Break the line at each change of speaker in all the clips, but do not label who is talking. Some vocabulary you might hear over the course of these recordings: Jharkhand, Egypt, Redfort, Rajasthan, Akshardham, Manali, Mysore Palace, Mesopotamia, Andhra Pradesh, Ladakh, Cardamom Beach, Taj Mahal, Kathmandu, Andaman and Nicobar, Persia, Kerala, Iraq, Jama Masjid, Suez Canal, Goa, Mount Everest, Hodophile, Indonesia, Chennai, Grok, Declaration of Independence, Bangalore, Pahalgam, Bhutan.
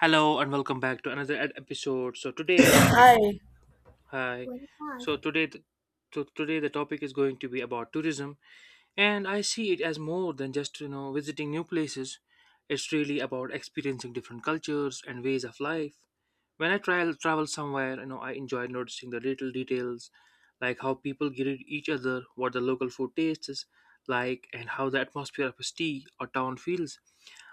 Hello and welcome back to another episode. So today the top
Hi,
Hi. So today the, so today the topic is going to be about tourism, and I see it as more than just visiting new places. It's really about experiencing different cultures and ways of life. When I travel somewhere, I enjoy noticing the little details, like how people greet each other, what the local food tastes like, and how the atmosphere of a city or town feels.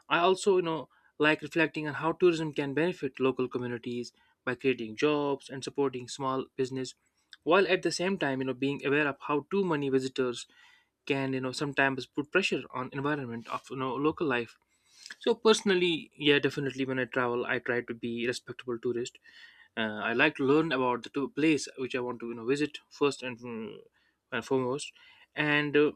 I also, like reflecting on how tourism can benefit local communities by creating jobs and supporting small business, while at the same time being aware of how too many visitors can, sometimes put pressure on environment of, local life. So personally, yeah, definitely when I travel I try to be respectable tourist. I like to learn about the place which I want to visit first and, and foremost. and uh,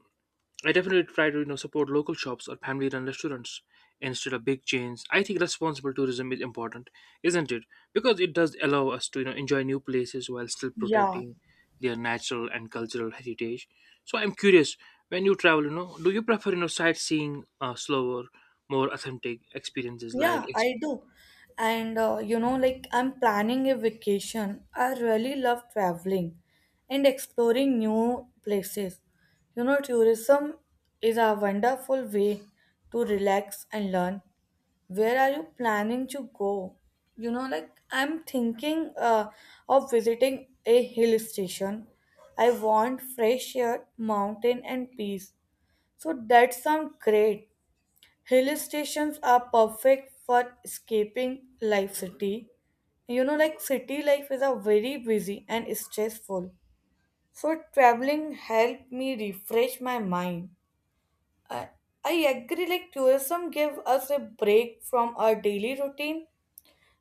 I definitely try to support local shops or family run restaurants instead of big chains. I think responsible tourism is important, isn't it? Because it does allow us to enjoy new places while still
yeah,
protecting their natural and cultural heritage. So I'm curious, when you travel, do you prefer sightseeing, slower, more authentic experiences like.
yeah, I do. And you know, like I'm planning a vacation. I really love traveling and exploring new places. You know, tourism is a wonderful way to relax and learn. Where are you planning to go? You know, like I'm thinking of visiting a hill station. I want fresh air, mountain, and peace. So that sounds great. Hill stations are perfect for escaping life city. You know, like city life is a very busy and stressful. So traveling helped me refresh my mind. I, I agree like tourism gives us a break from our daily routine.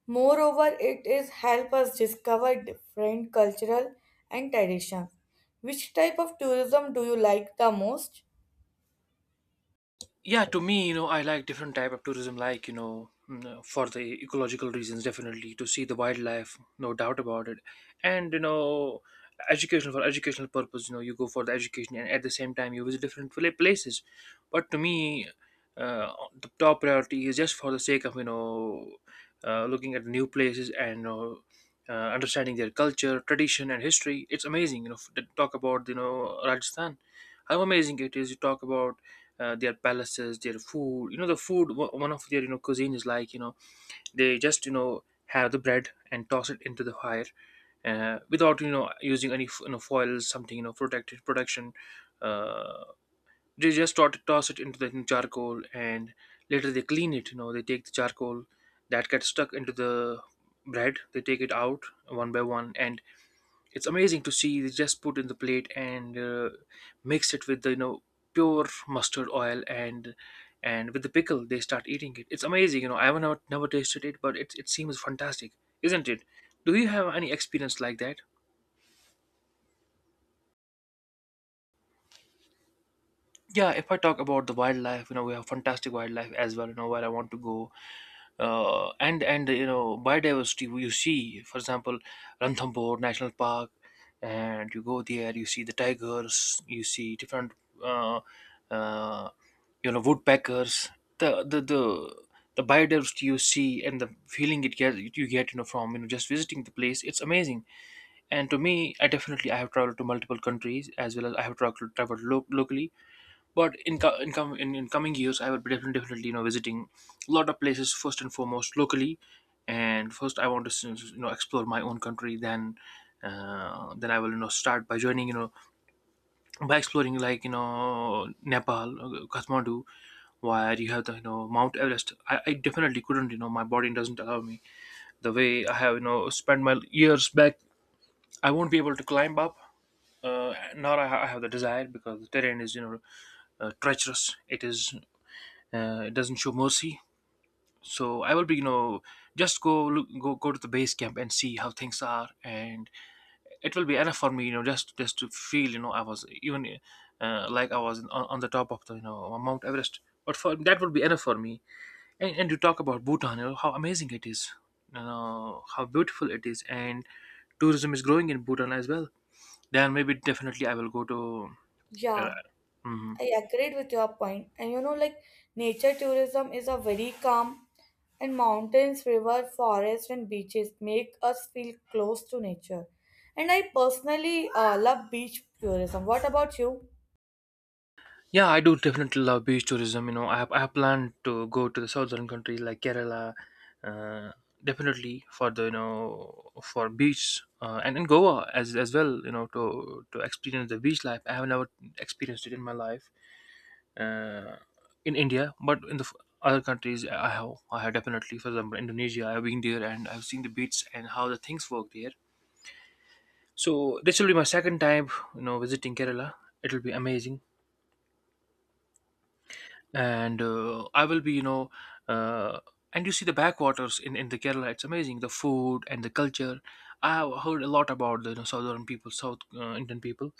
Moreover, it is help us discover different cultural and traditions. Which type of tourism do you like the most?
Yeah, to me, I like different type of tourism, like, for the ecological reasons, definitely to see the wildlife, no doubt about it. And educational, for educational purpose, you go for the education and at the same time you visit different places. But to me, uh, the top priority is just for the sake of, looking at new places and, understanding their culture, tradition, and history. It's amazing, to talk about, Rajasthan, how amazing it is. You talk about their palaces, their food. The food, one of their, cuisine is like, they just, have the bread and toss it into the fire, without, using any, foils, something, protected protection. Uh, they just toss it into the charcoal, and later they clean it. They take the charcoal that gets stuck into the bread, they take it out one by one, and it's amazing to see. They just put in the plate and mix it with the, pure mustard oil, and with the pickle they start eating it. It's amazing. I have not never tasted it, but it seems fantastic, isn't it? Do you have any experience like that? Yeah, if I talk about the wildlife, we have fantastic wildlife as well. Where I want to go, and biodiversity, you see, for example, Ranthambore National Park. And you go there, you see the tigers, you see different, uh, uh, woodpeckers, the the the the biodiversity you see, and the feeling it gets you get, from, just visiting the place. It's amazing. And to me, I definitely, I have traveled to multiple countries as well as I have traveled locally. But in in coming years, I would be definitely, visiting a lot of places, first and foremost locally, and first I want to explore my own country. Then, I will, start by joining, by exploring, like, Nepal, Kathmandu, where you have the, Mount Everest. I definitely couldn't, my body doesn't allow me the way I have, spent my years back. I won't be able to climb up. Nor I have the desire, because the terrain is, treacherous. It is, it doesn't show mercy. So I will be, just go look, go to the base camp and see how things are, and it will be enough for me. Just to feel, I was even, like I was on the top of the, Mount Everest. But for that will be enough for me. And you talk about Bhutan, how amazing it is, how beautiful it is, and tourism is growing in Bhutan as well. Then maybe definitely I will go to. uh,
Yeah.
mhm.
I agreed with your point, and you know, like nature tourism is a very calm, and mountains, river, forest, and beaches make us feel close to nature. And I personally love beach tourism. What about you?
Yeah, I do definitely love beach tourism. I have planned to go to the southern countries like Kerala, uh, definitely for the, for beach, and in Goa as well. To experience the beach life. I have never experienced it in my life, uh, in India, but in the other countries I have, definitely. For example, Indonesia, I have been there and I've seen the beach and how the things work there. So this will be my second time, visiting Kerala. It'll be amazing, and I will be, uh, and you see the backwaters in the Kerala. It's amazing, the food and the culture. I have heard a lot about the, southern people, South, Indian people,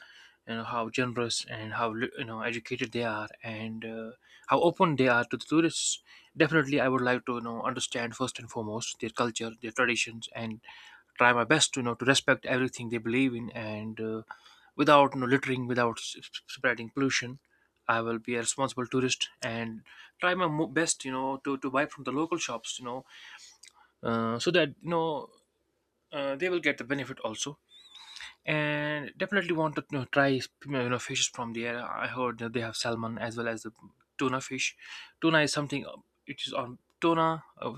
how generous and how educated they are, and how open they are to the tourists. Definitely, I would like to, understand first and foremost their culture, their traditions, and try my best to, respect everything they believe in and. Without, littering, without spreading pollution. I will be a responsible tourist, and try my best, to, buy from the local shops, so that, they will get the benefit also. And definitely want to, try, fishes from there. I heard that they have salmon as well as the tuna fish. Tuna is something, it is on tuna.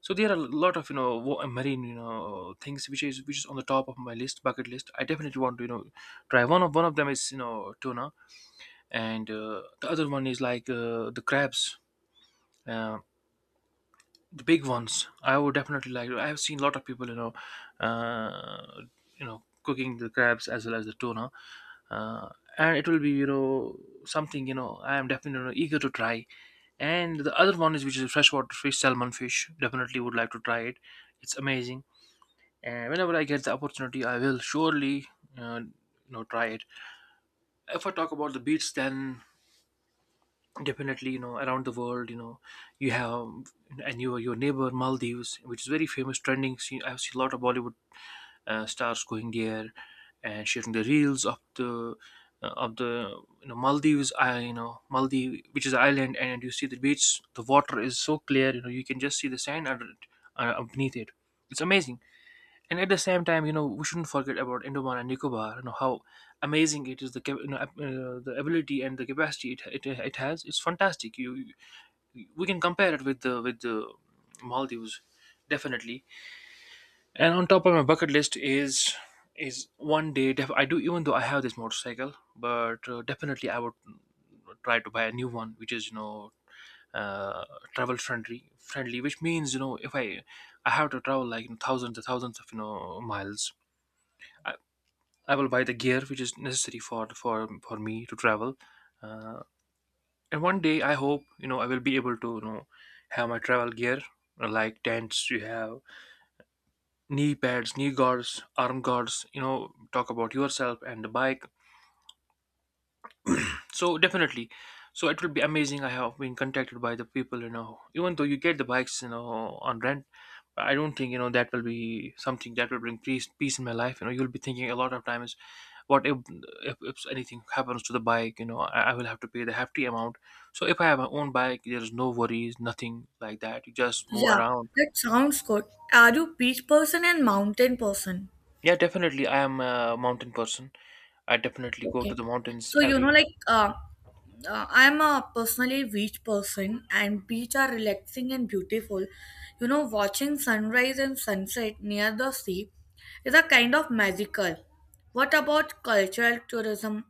So there are a lot of, marine, things, which is, on the top of my list, bucket list. I definitely want to, try one of, them is, tuna, and the other one is like, the crabs, uh, the big ones I would definitely like. I have seen a lot of people, uh, cooking the crabs as well as the tuna. uh, and it will be, something, I am definitely eager to try. And the other one is, which is freshwater fish, salmon fish, definitely would like to try it. It's amazing, and whenever I get the opportunity I will surely, try it. If I talk about the beach, then definitely, around the world, you have, and your neighbor Maldives, which is very famous trending scene. I've seen a lot of Bollywood, stars going there, and sharing the reels of the, uh, of the Maldives. I you know Maldives, which is an island, and you see the beach, the water is so clear, you can just see the sand under it, beneath it. It's amazing. And at the same time, we shouldn't forget about Andaman and Nicobar, how amazing it is. The the ability and the capacity it has. It's fantastic. You We can compare it with the, Maldives, definitely. And on top of my bucket list is, one day, I do. Even though I have this motorcycle, but definitely I would try to buy a new one, which is, uh, travel friendly, which means, if I have to travel like, thousands and thousands of, miles, I will buy the gear which is necessary for me to travel. Uh, and one day, I hope, I will be able to, have my travel gear, like tents. You have knee pads, knee guards, arm guards. Talk about yourself and the bike. So definitely, so it will be amazing. I have been contacted by the people. Even though you get the bikes, on rent. I don't think, that will be something that will bring peace in my life. You know, you'll be thinking a lot of times what if, if anything happens to the bike, you know, I will have to pay the hefty amount. So if I have my own bike, there's no worries, nothing like that, you just move
Yeah,
around.
that sounds good. Are you beach person and mountain person?
Yeah, definitely, I am a mountain person. I definitely go to
Okay.
the mountains
So, you
every.
know, like, I'm a personally beach person, and beach are relaxing and beautiful. You know, watching sunrise and sunset near the sea is a kind of magical. What about cultural tourism?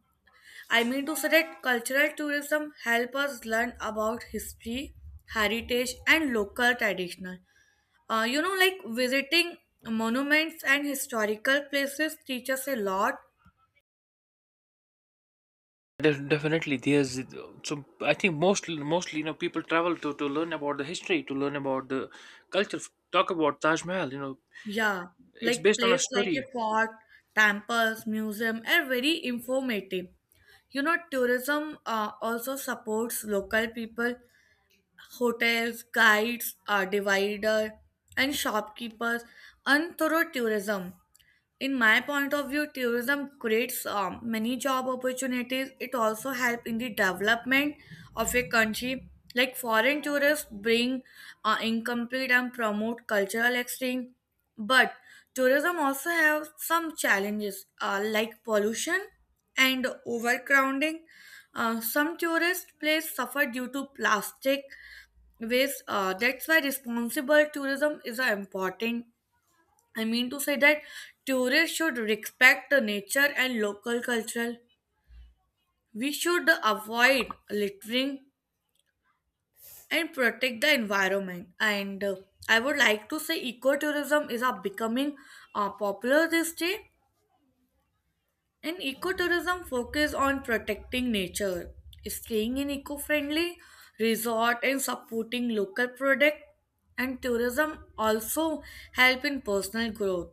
I mean to say that cultural tourism help us learn about history, heritage, and local traditional. You know, like visiting monuments and historical places teach us a lot.
Definitely there's, so I think mostly, you know, people travel to learn about the history, to learn about the culture. Talk about Taj Mahal, you know,
Yeah,
it's
like
based on a
places like a
story.
fort, temples, museum are very informative. You know, tourism also supports local people, hotels, guides, divider, and shopkeepers, and through tourism, in my point of view, tourism creates many job opportunities. It also help in the development of a country, like foreign tourists bring incomplete and promote cultural exchange. But tourism also have some challenges, like pollution and overcrowding. Some tourist places suffer due to plastic waste. That's why responsible tourism is important. I mean to say that tourists should respect the nature and local culture. We should avoid littering and protect the environment. And I would like to say ecotourism is becoming popular this day. And ecotourism focus on protecting nature, staying in eco-friendly resort and supporting local product. And tourism also help in personal growth.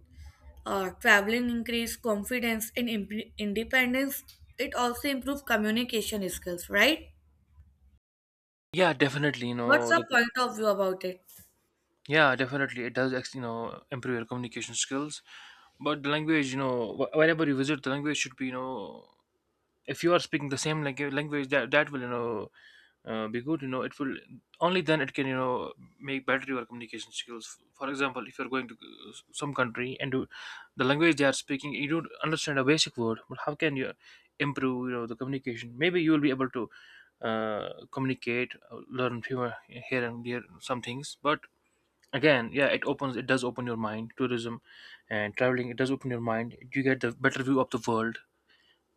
Traveling increase confidence and independence. It also improves communication skills, right?
Yeah, definitely, you
What's
know,
your
the.
point of view about it?
Yeah, definitely, it does you know improve your communication skills. But the language, you know, whenever you visit, the language should be, you know, if you are speaking the same language, language that will, you know, be good. You know, it will only then it can, you know, make better your communication skills. For example, if you're going to some country and you, the language they are speaking, you don't understand a basic word, but how can you improve, you know, the communication? Maybe you will be able to communicate, learn fewer here and there some things, but again, yeah, it opens, it does open your mind. Tourism and traveling, it does open your mind, you get the better view of the world.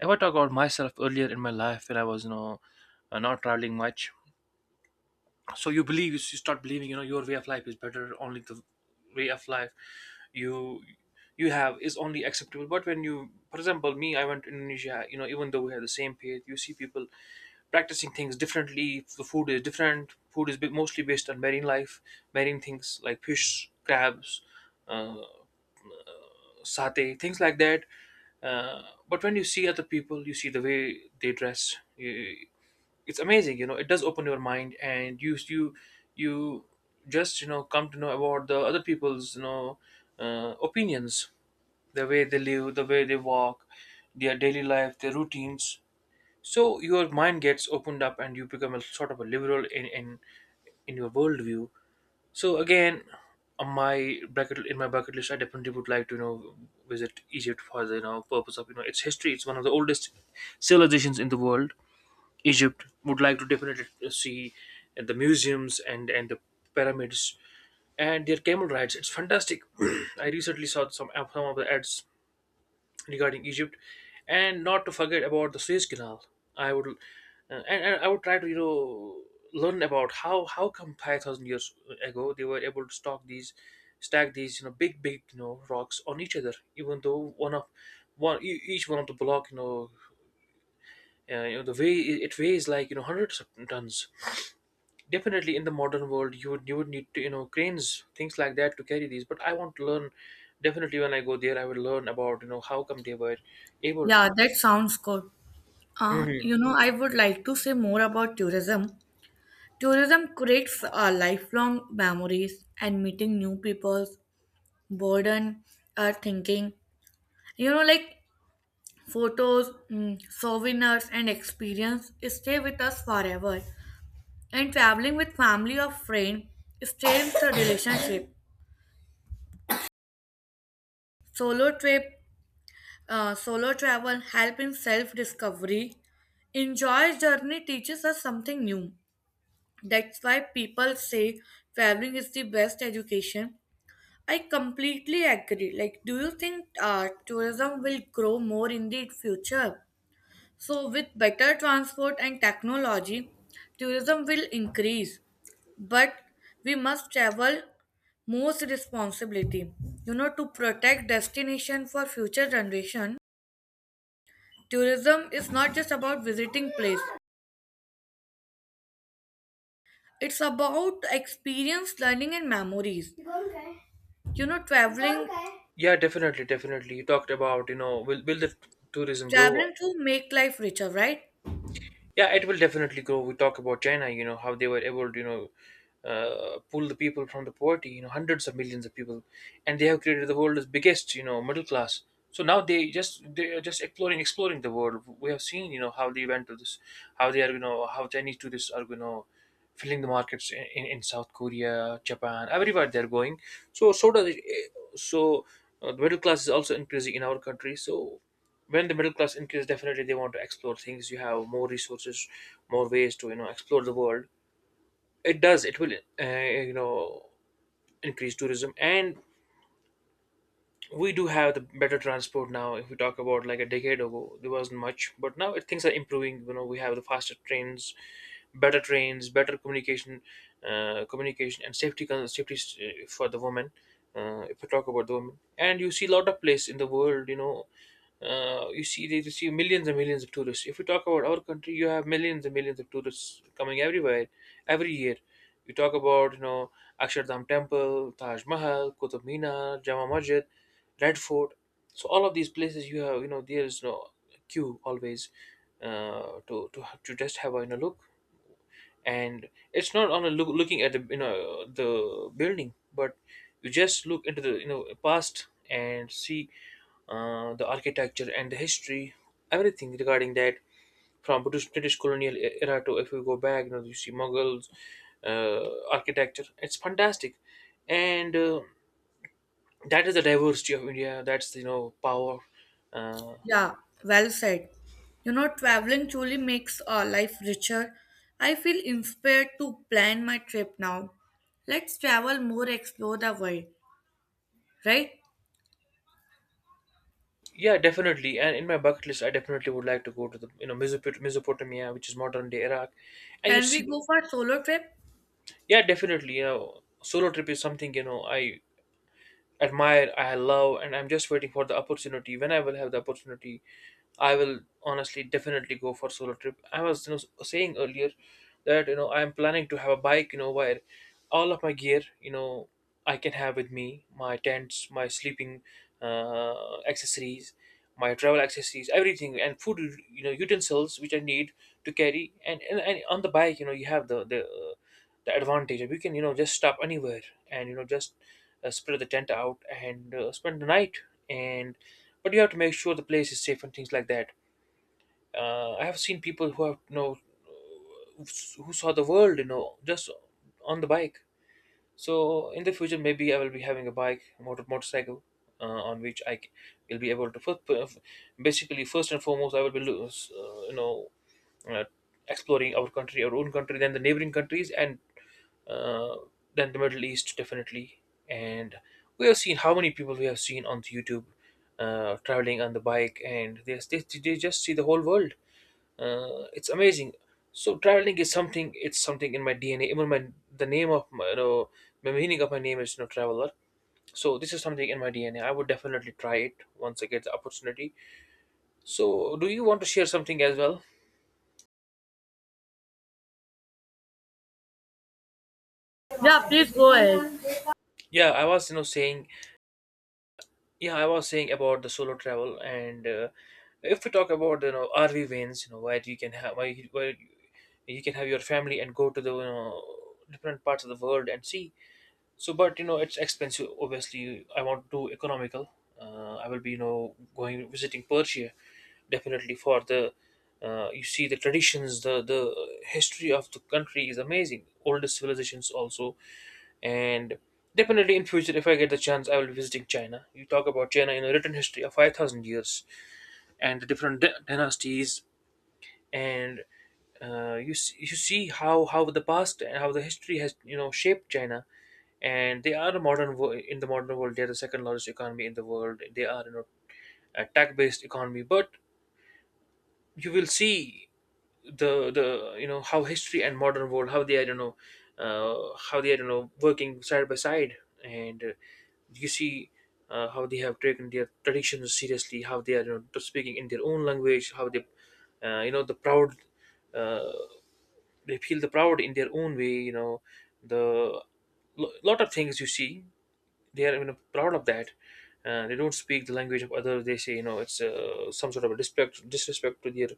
If I talk about myself, earlier in my life when I was, you know, not traveling much, so you believe, you start believing, you know, your way of life is better, only the way of life you you have is only acceptable. But when you, for example, me, I went to Indonesia, you know, even though we have the same faith, you see people practicing things differently. The food is different, food is mostly based on marine life, marine things like fish, crabs, uh, satay, things like that. uh, but when you see other people, you see the way they dress, you, it's amazing. You know, it does open your mind, and you just, you know, come to know about the other people's, you know, opinions, the way they live, the way they walk, their daily life, their routines. So your mind gets opened up and you become a sort of a liberal in in your worldview. So again, on my bracket, in my bucket list, I definitely would like to, you know, visit Egypt for the, you know, purpose of, you know, its history. It's one of the oldest civilizations in the world. Egypt. Would like to definitely see the museums and the pyramids, and their camel rides. It's fantastic. I recently saw some of the ads regarding Egypt, and not to forget about the Suez Canal. I would and I would try to, you know, learn about how come 5,000 years ago they were able to stock these, stack these, you know, big big, you know, rocks on each other, even though one of, one each one of the block, you know, you know, the way it weighs like, you know, hundreds of tons. Definitely in the modern world, you would, you would need to, you know, cranes, things like that to carry these. But I want to learn, definitely when I go there, I will learn about, you know, how come they were able to.
Yeah, that sounds good. You know, I would like to say more about tourism. Tourism creates lifelong memories, and meeting new people, broaden our thinking. You know, like photos, souvenirs, and experience stay with us forever. And traveling with family or friend strengthens the relationship. Solo trip, solo travel help in self-discovery. Enjoy journey teaches us something new. That's why people say traveling is the best education. I completely agree. Like, do you think tourism will grow more in the future? So, with better transport and technology, tourism will increase, but we must travel most responsibility. You know, to protect destination for future generation, tourism is not just about visiting place. It's about experience, learning, and memories. You know, traveling,
Yeah, definitely, definitely, you talked about, you know, will the tourism grow.
traveling to make life richer, right?
Yeah, it will definitely grow. We talk about China, you know, how they were able to, you know, pull the people from the poverty, you know, hundreds of millions of people, and they have created the world's biggest, you know, middle class. So now they are just exploring the world. We have seen, you know, how they went to this, how they are, you know, how Chinese tourists are, you know, filling the markets in, in South Korea, Japan, everywhere they are going. So so does it, eh, so the middle class is also increasing in our country. So when the middle class increases, definitely they want to explore things. You have more resources, more ways to, you know, explore the world. It does, it will, you know, increase tourism. And we do have the better transport now. If we talk about like a decade ago, there wasn't much, but now it, things are improving. You know, we have the faster trains, better trains, better communication, communication and safety safety for the woman. If we talk about the woman, and you see a lot of place in the world, you know, you see they receive millions and millions of tourists. If we talk about our country, you have millions and millions of tourists coming everywhere every year. You talk about, you know, Akshardham Temple, Taj Mahal, Qutub Minar, Jama Masjid, Redford. So all of these places you have, you know, there is no queue always, to to just have a, you know, look. And it's not on a look, looking at the, you know, the building, but you just look into the, you know, past and see the architecture and the history, everything regarding that. From British, British colonial era, to if we go back, you know, you see Mughals architecture. It's fantastic. And that is the diversity of India. That's, you know, power. Uh,
Yeah, well said. You know, traveling truly makes our life richer. I feel inspired to plan my trip now. Let's travel more, explore the world, right?
yeah, definitely. And in my bucket list, I definitely would like to go to the, you know, Mesopotamia, which is modern day Iraq. And you
Can we
see,
go for a solo trip?
yeah, definitely. You know, solo trip is something, you know, I admire, I love, and I'm just waiting for the opportunity. When I will have the opportunity, I will honestly definitely go for solo trip. I was, you know, saying earlier that, you know, I am planning to have a bike, you know, where all of my gear, you know, I can have with me, my tents, my sleeping accessories, my travel accessories, everything, and food, you know, utensils which I need to carry. And on the bike, you know, you have the the advantage, we can, you know, just stop anywhere, and, you know, just spread the tent out and spend the night. And but you have to make sure the place is safe and things like that. I have seen people who have, you know, who saw the world, you know, just on the bike. So in the future, maybe I will be having a bike, motorcycle on which will be able to first, basically first and foremost, I will be you know, uh, exploring our country, our own country, then the neighboring countries, and uh, than the Middle East, definitely. And we have seen how many people we have seen on YouTube traveling on the bike, and they just see the whole world. It's amazing. So traveling is something. It's something in my DNA. Even my the name of my, you know, the meaning of my name is, you know, traveler. So this is something in my DNA. I would definitely try it once I get the opportunity. So do you want to share something as well?
Yeah, please go ahead.
Yeah, I was, you know, saying, yeah, I was saying about the solo travel, and if we talk about, you know, RV vans, you know, where you can have, where you can have your family and go to the, you know, different parts of the world and see. So but, you know, it's expensive obviously, I want to do economical. I will be, you know, going visiting Persia, definitely for the you see the traditions, the history of the country is amazing, oldest civilizations also. And definitely in future, if I get the chance, I will be visiting China. You talk about China, in a written history of 5,000 years and the different dynasties. And you see how the past and how the history has, you know, shaped China. And they are a modern in the modern world, they are the second largest economy in the world. They are, you know, a tech based economy. But you will see the you know, how history and modern world, how they are, you know, how they are, you know, working side by side. And you see how they have taken their traditions seriously, how they are, you know, speaking in their own language, how they you know, the proud, uh, they feel the proud in their own way, you know, the lot of things you see, they are, you know, proud of that. They don't speak the language of others. They say, you know, it's some sort of a disrespect, disrespect to their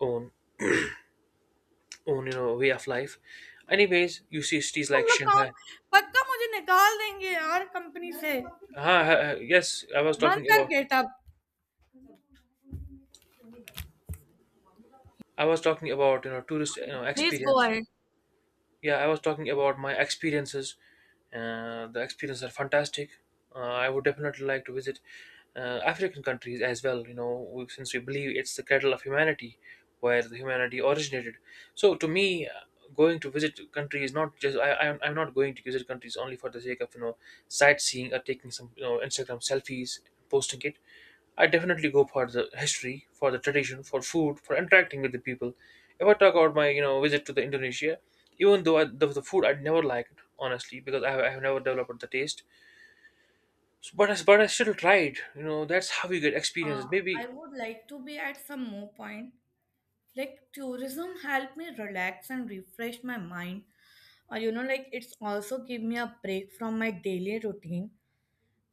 own, own, you know, way of life. Anyways, you see cities
तुम
like
लोग काम
Shanghai.
पक्का मुझे निकाल देंगे यार company से
Uh-huh, yes, I was
बंद
talking
कर
about,
get up
I was talking about, you know, tourist, you know,
please go
experience.
Ahead
Yeah, I was talking about my experiences. The experiences are fantastic. I would definitely like to visit African countries as well. You know, since we believe it's the cradle of humanity, where the humanity originated. So to me, going to visit countries not just I I'm not going to visit countries only for the sake of sightseeing or taking some Instagram selfies, posting it. I definitely go for the history, for the tradition, for food, for interacting with the people. If I talk about my visit to the Indonesia even though the food I'd never liked honestly because I have never developed the taste so, but I still tried, you know, that's how you get experiences
I
maybe.
Would like to be at some more point. Like tourism helped me relax and refresh my mind. You know, like it's also give me a break from my daily routine,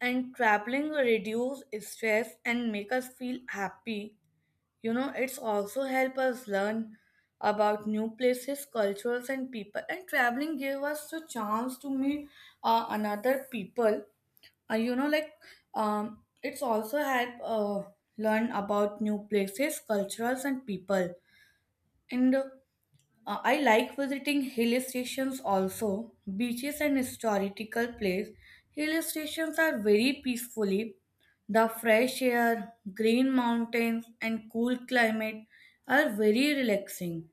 and traveling reduce stress and make us feel happy. You know, it's also help us learn about new places, cultures, and people. And traveling gave us the chance to meet another people. You know, like it's also help learn about new places, cultures, and people. And I like visiting hill stations also, beaches and historical places. Hill stations are very peacefully. The fresh air, green mountains, and cool climate are very relaxing.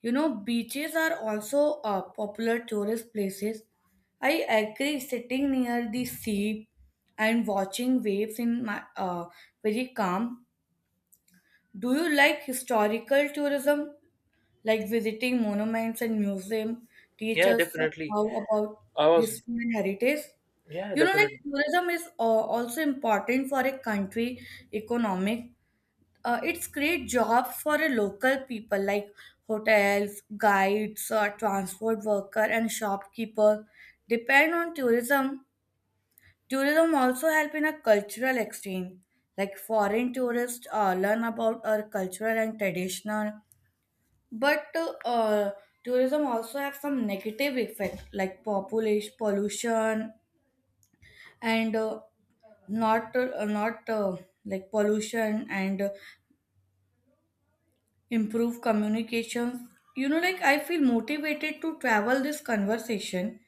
You know, beaches are also popular tourist places. I agree, sitting near the sea and watching waves in my very calm. Do you like historical tourism like visiting monuments and museums teach
Yeah,
us
definitely.
how about
I was.
history and heritage.
Yeah,
You know, like
definitely.
tourism is also important for a country economic. It's create jobs for a local people like hotels, guides, transport worker, and shopkeeper depend on tourism. Tourism also help in a cultural exchange. Like foreign tourists learn about our cultural and traditional. But uh, tourism also have some negative effect like population pollution and not not like pollution and improve communications. You know, like I feel motivated to travel this conversation,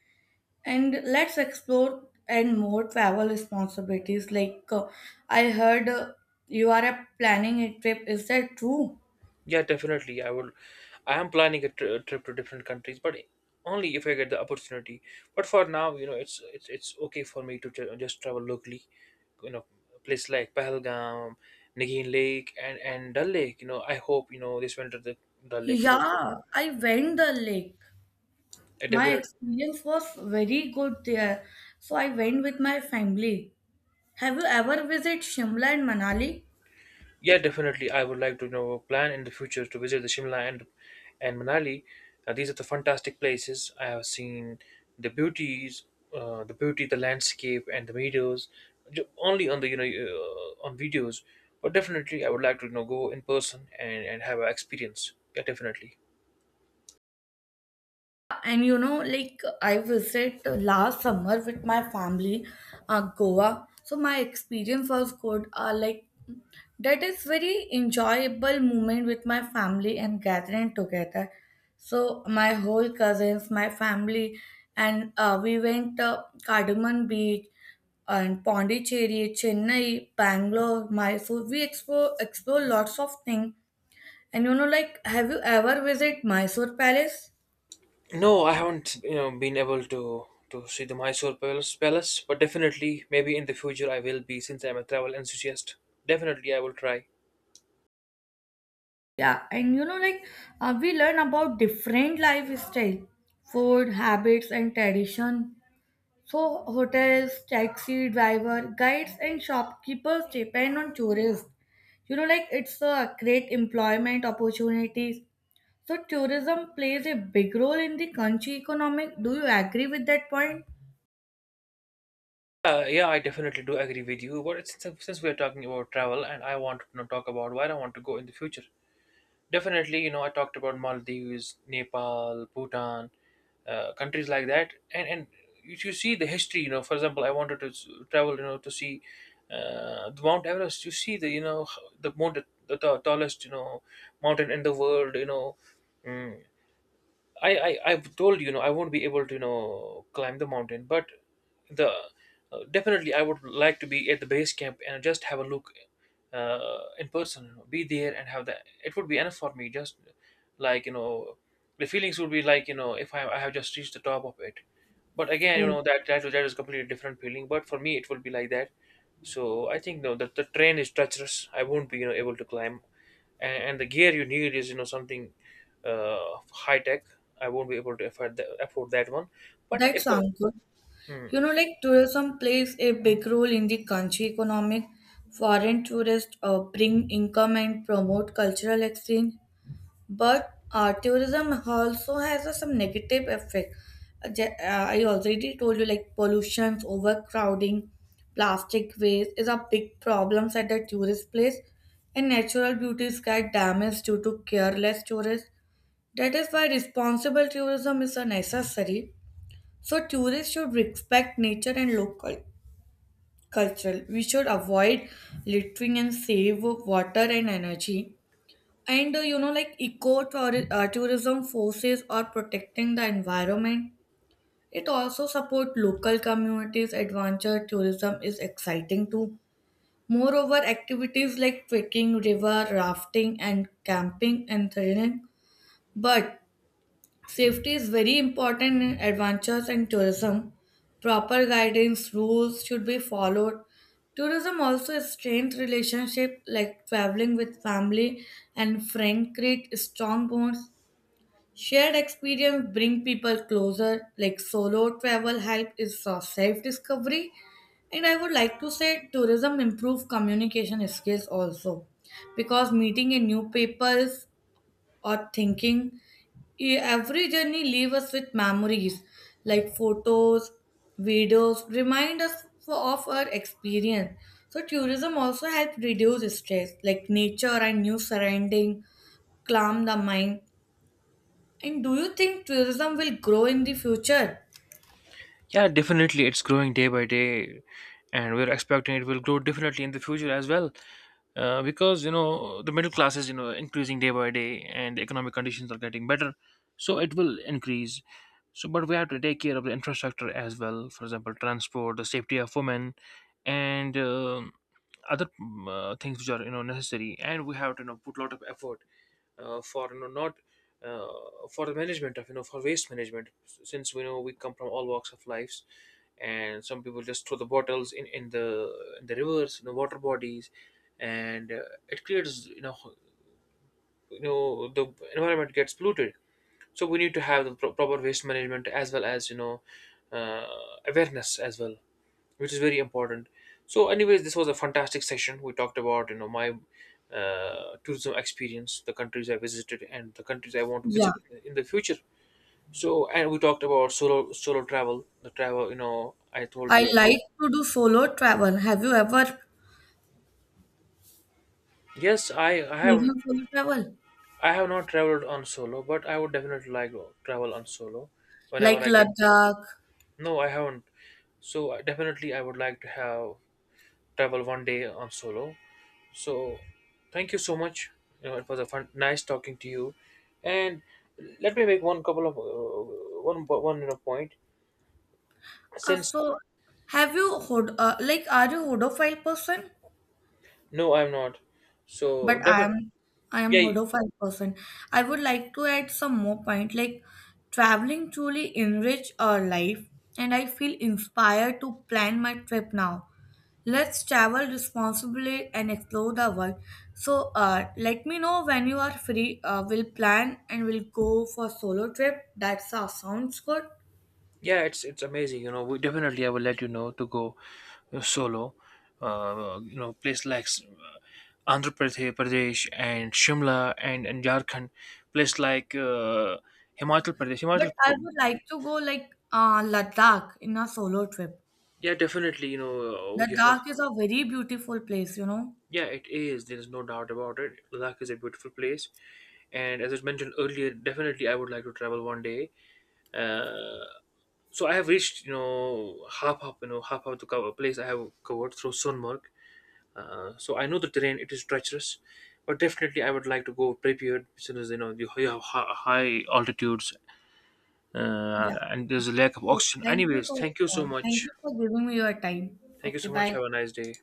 and let's explore and more travel responsibilities. Like I heard you are planning a trip. Is that true?
Yeah, definitely I will. I am planning a trip to different countries but only if I get the opportunity. But for now, you know, it's okay for me to just travel locally, you know, place like Pahalgam, Nagin Lake, and Dal Lake. You know, I hope, you know, this winter the Dal Lake frozen.
Yeah, I went the lake.
I
My
definitely.
experience was very good there, so I went with my family. Have you ever visited Shimla and Manali?
Yeah, definitely. I would like to, you know, plan in the future to visit the Shimla and Manali. These are the fantastic places I have seen. The beauties, the beauty, the landscape, and the meadows, only on the on videos. But definitely, I would like to, you know, go in person and have an experience. Yeah, definitely.
And you know, like I visit last summer with my family, Goa. So my experience was good. Like that is very enjoyable moment with my family and gathering together. So my whole cousins, my family, and we went Cardamom Beach and Pondicherry, Chennai, Bangalore, Mysore. We explore lots of things. And you know, like, have you ever visited Mysore Palace?
No, I haven't, you know, been able to see the Mysore Palace, but definitely maybe in the future I will be since I'm a travel enthusiast. Definitely, I will try.
Yeah, and you know, like we learn about different lifestyle, food habits, and tradition. So hotels, taxi driver, guides, and shopkeepers depend on tourists. You know, like it's a great employment opportunities. So tourism plays a big role in the country economic. Do you agree with that point?
Yeah, I definitely do agree with you. But it's, since we are talking about travel, and I want to, you know, talk about where I want to go in the future. Definitely, you know, I talked about Maldives, Nepal, Bhutan, countries like that, and you see the history. You know, for example, I wanted to travel, you know, to see the Mount Everest. You see the, you know, the most the, tallest, you know, mountain in the world. You know. Mm. I've told you, you know, I won't be able to, you know, climb the mountain, but the definitely I would like to be at the base camp and just have a look in person. You know, be there and have that. It would be enough for me. Just like, you know, the feelings would be like, you know, if I, I have just reached the top of it. But again, you
Oh,
know, that is completely different feeling. But for me, it will be like that. So I think no, that the train is treacherous. I won't be, you know, able to climb, and the gear you need is, you know, something high tech. I won't be able to afford that one. But
that
if I,
sounds good.
hmm.
You know, like tourism plays a big role in the country economic. Foreign tourists bring income and promote cultural exchange, but tourism also has a, some negative effect. I already told you, like pollution, overcrowding, plastic waste is a big problems at the tourist place, and natural beauties get damaged due to careless tourists. That is why responsible tourism is a necessary. So tourists should respect nature and local culture. We should avoid littering and save water and energy. And you know, like tourism forces or protecting the environment. It also support local communities. Adventure tourism is exciting too. Moreover, activities like trekking, river rafting, and camping and thrilling. But safety is very important in adventures and tourism. Proper guidance rules should be followed. Tourism also strengthens relationship like traveling with family and friend create strong bonds. Shared experience bring people closer. Like solo travel help is self discovery, and I would like to say tourism improve communication skills also, because meeting a new peoples or thinking. Every journey leaves us with memories like photos, videos, remind us of our experience. So tourism also helps reduce stress, like nature and new surrounding calm the mind. And do you think tourism will grow in the future?
Yeah, definitely, it's growing day by day, and we're expecting it will grow definitely in the future as well. Because you know the middle class is, you know, increasing day by day, and the economic conditions are getting better, so it will increase. So, but we have to take care of the infrastructure as well. For example, transport, the safety of women, and other things which are, you know, necessary. And we have to, you know, put a lot of effort for you know not uh, for the management of, you know, for waste management, since we know we come from all walks of lives and some people just throw the bottles in the rivers in the water bodies and it creates, you know, you know the environment gets polluted, so we need to have the proper waste management as well as, you know, uh, awareness as well, which is very important. So anyways, this was a fantastic session. We talked about, you know, my tourism experience, the countries I visited and the countries I want to
Yeah,
visit in the future. So, and we talked about solo travel, the travel, you know, I told
I
you about.
like to do solo travel. Have you ever
Yes, I have.
experienced solo travel?
I have not traveled on solo, but I would definitely like to travel on solo whenever
Like
I get.
Ladakh.
No, I haven't. So definitely I would like to have travel one day on solo. So thank you so much. You know, it was a fun, nice talking to you. And let me make one couple of one one you know, point. Since
So, like, are you Hodophile person?
no, I'm not.
But
So definitely,
I am
yeah.
horrified person. I would like to add some more point like traveling truly enrich our life, and I feel inspired to plan my trip now. Let's travel responsibly and explore the world. So let me know when you are free. We'll plan and we'll go for solo trip. That sounds good.
Yeah, it's amazing, you know, we definitely I will let you know to go solo, you know, place like andhra pradesh Pradesh and shimla and jharkhand, place like
But
himachal
I
P-.
would like to go like Ladakh in a solo trip.
Yeah, definitely, you know, you have.
Ladakh is a very beautiful place, you know.
Yeah, it is, there is no doubt about it. Ladakh is a beautiful place, and as I mentioned earlier, definitely I would like to travel one day. Uh, so I have reached, you know, half up the cover place I have covered through Sunmark. So I know the terrain; it is treacherous, but definitely I would like to go prepared since you know you you have high altitudes
Yeah.
and there's a lack of
So
oxygen. Anyways, thank you so much.
thank you for giving me your time.
Thank you
Okay,
so much.
bye.
Have a nice day.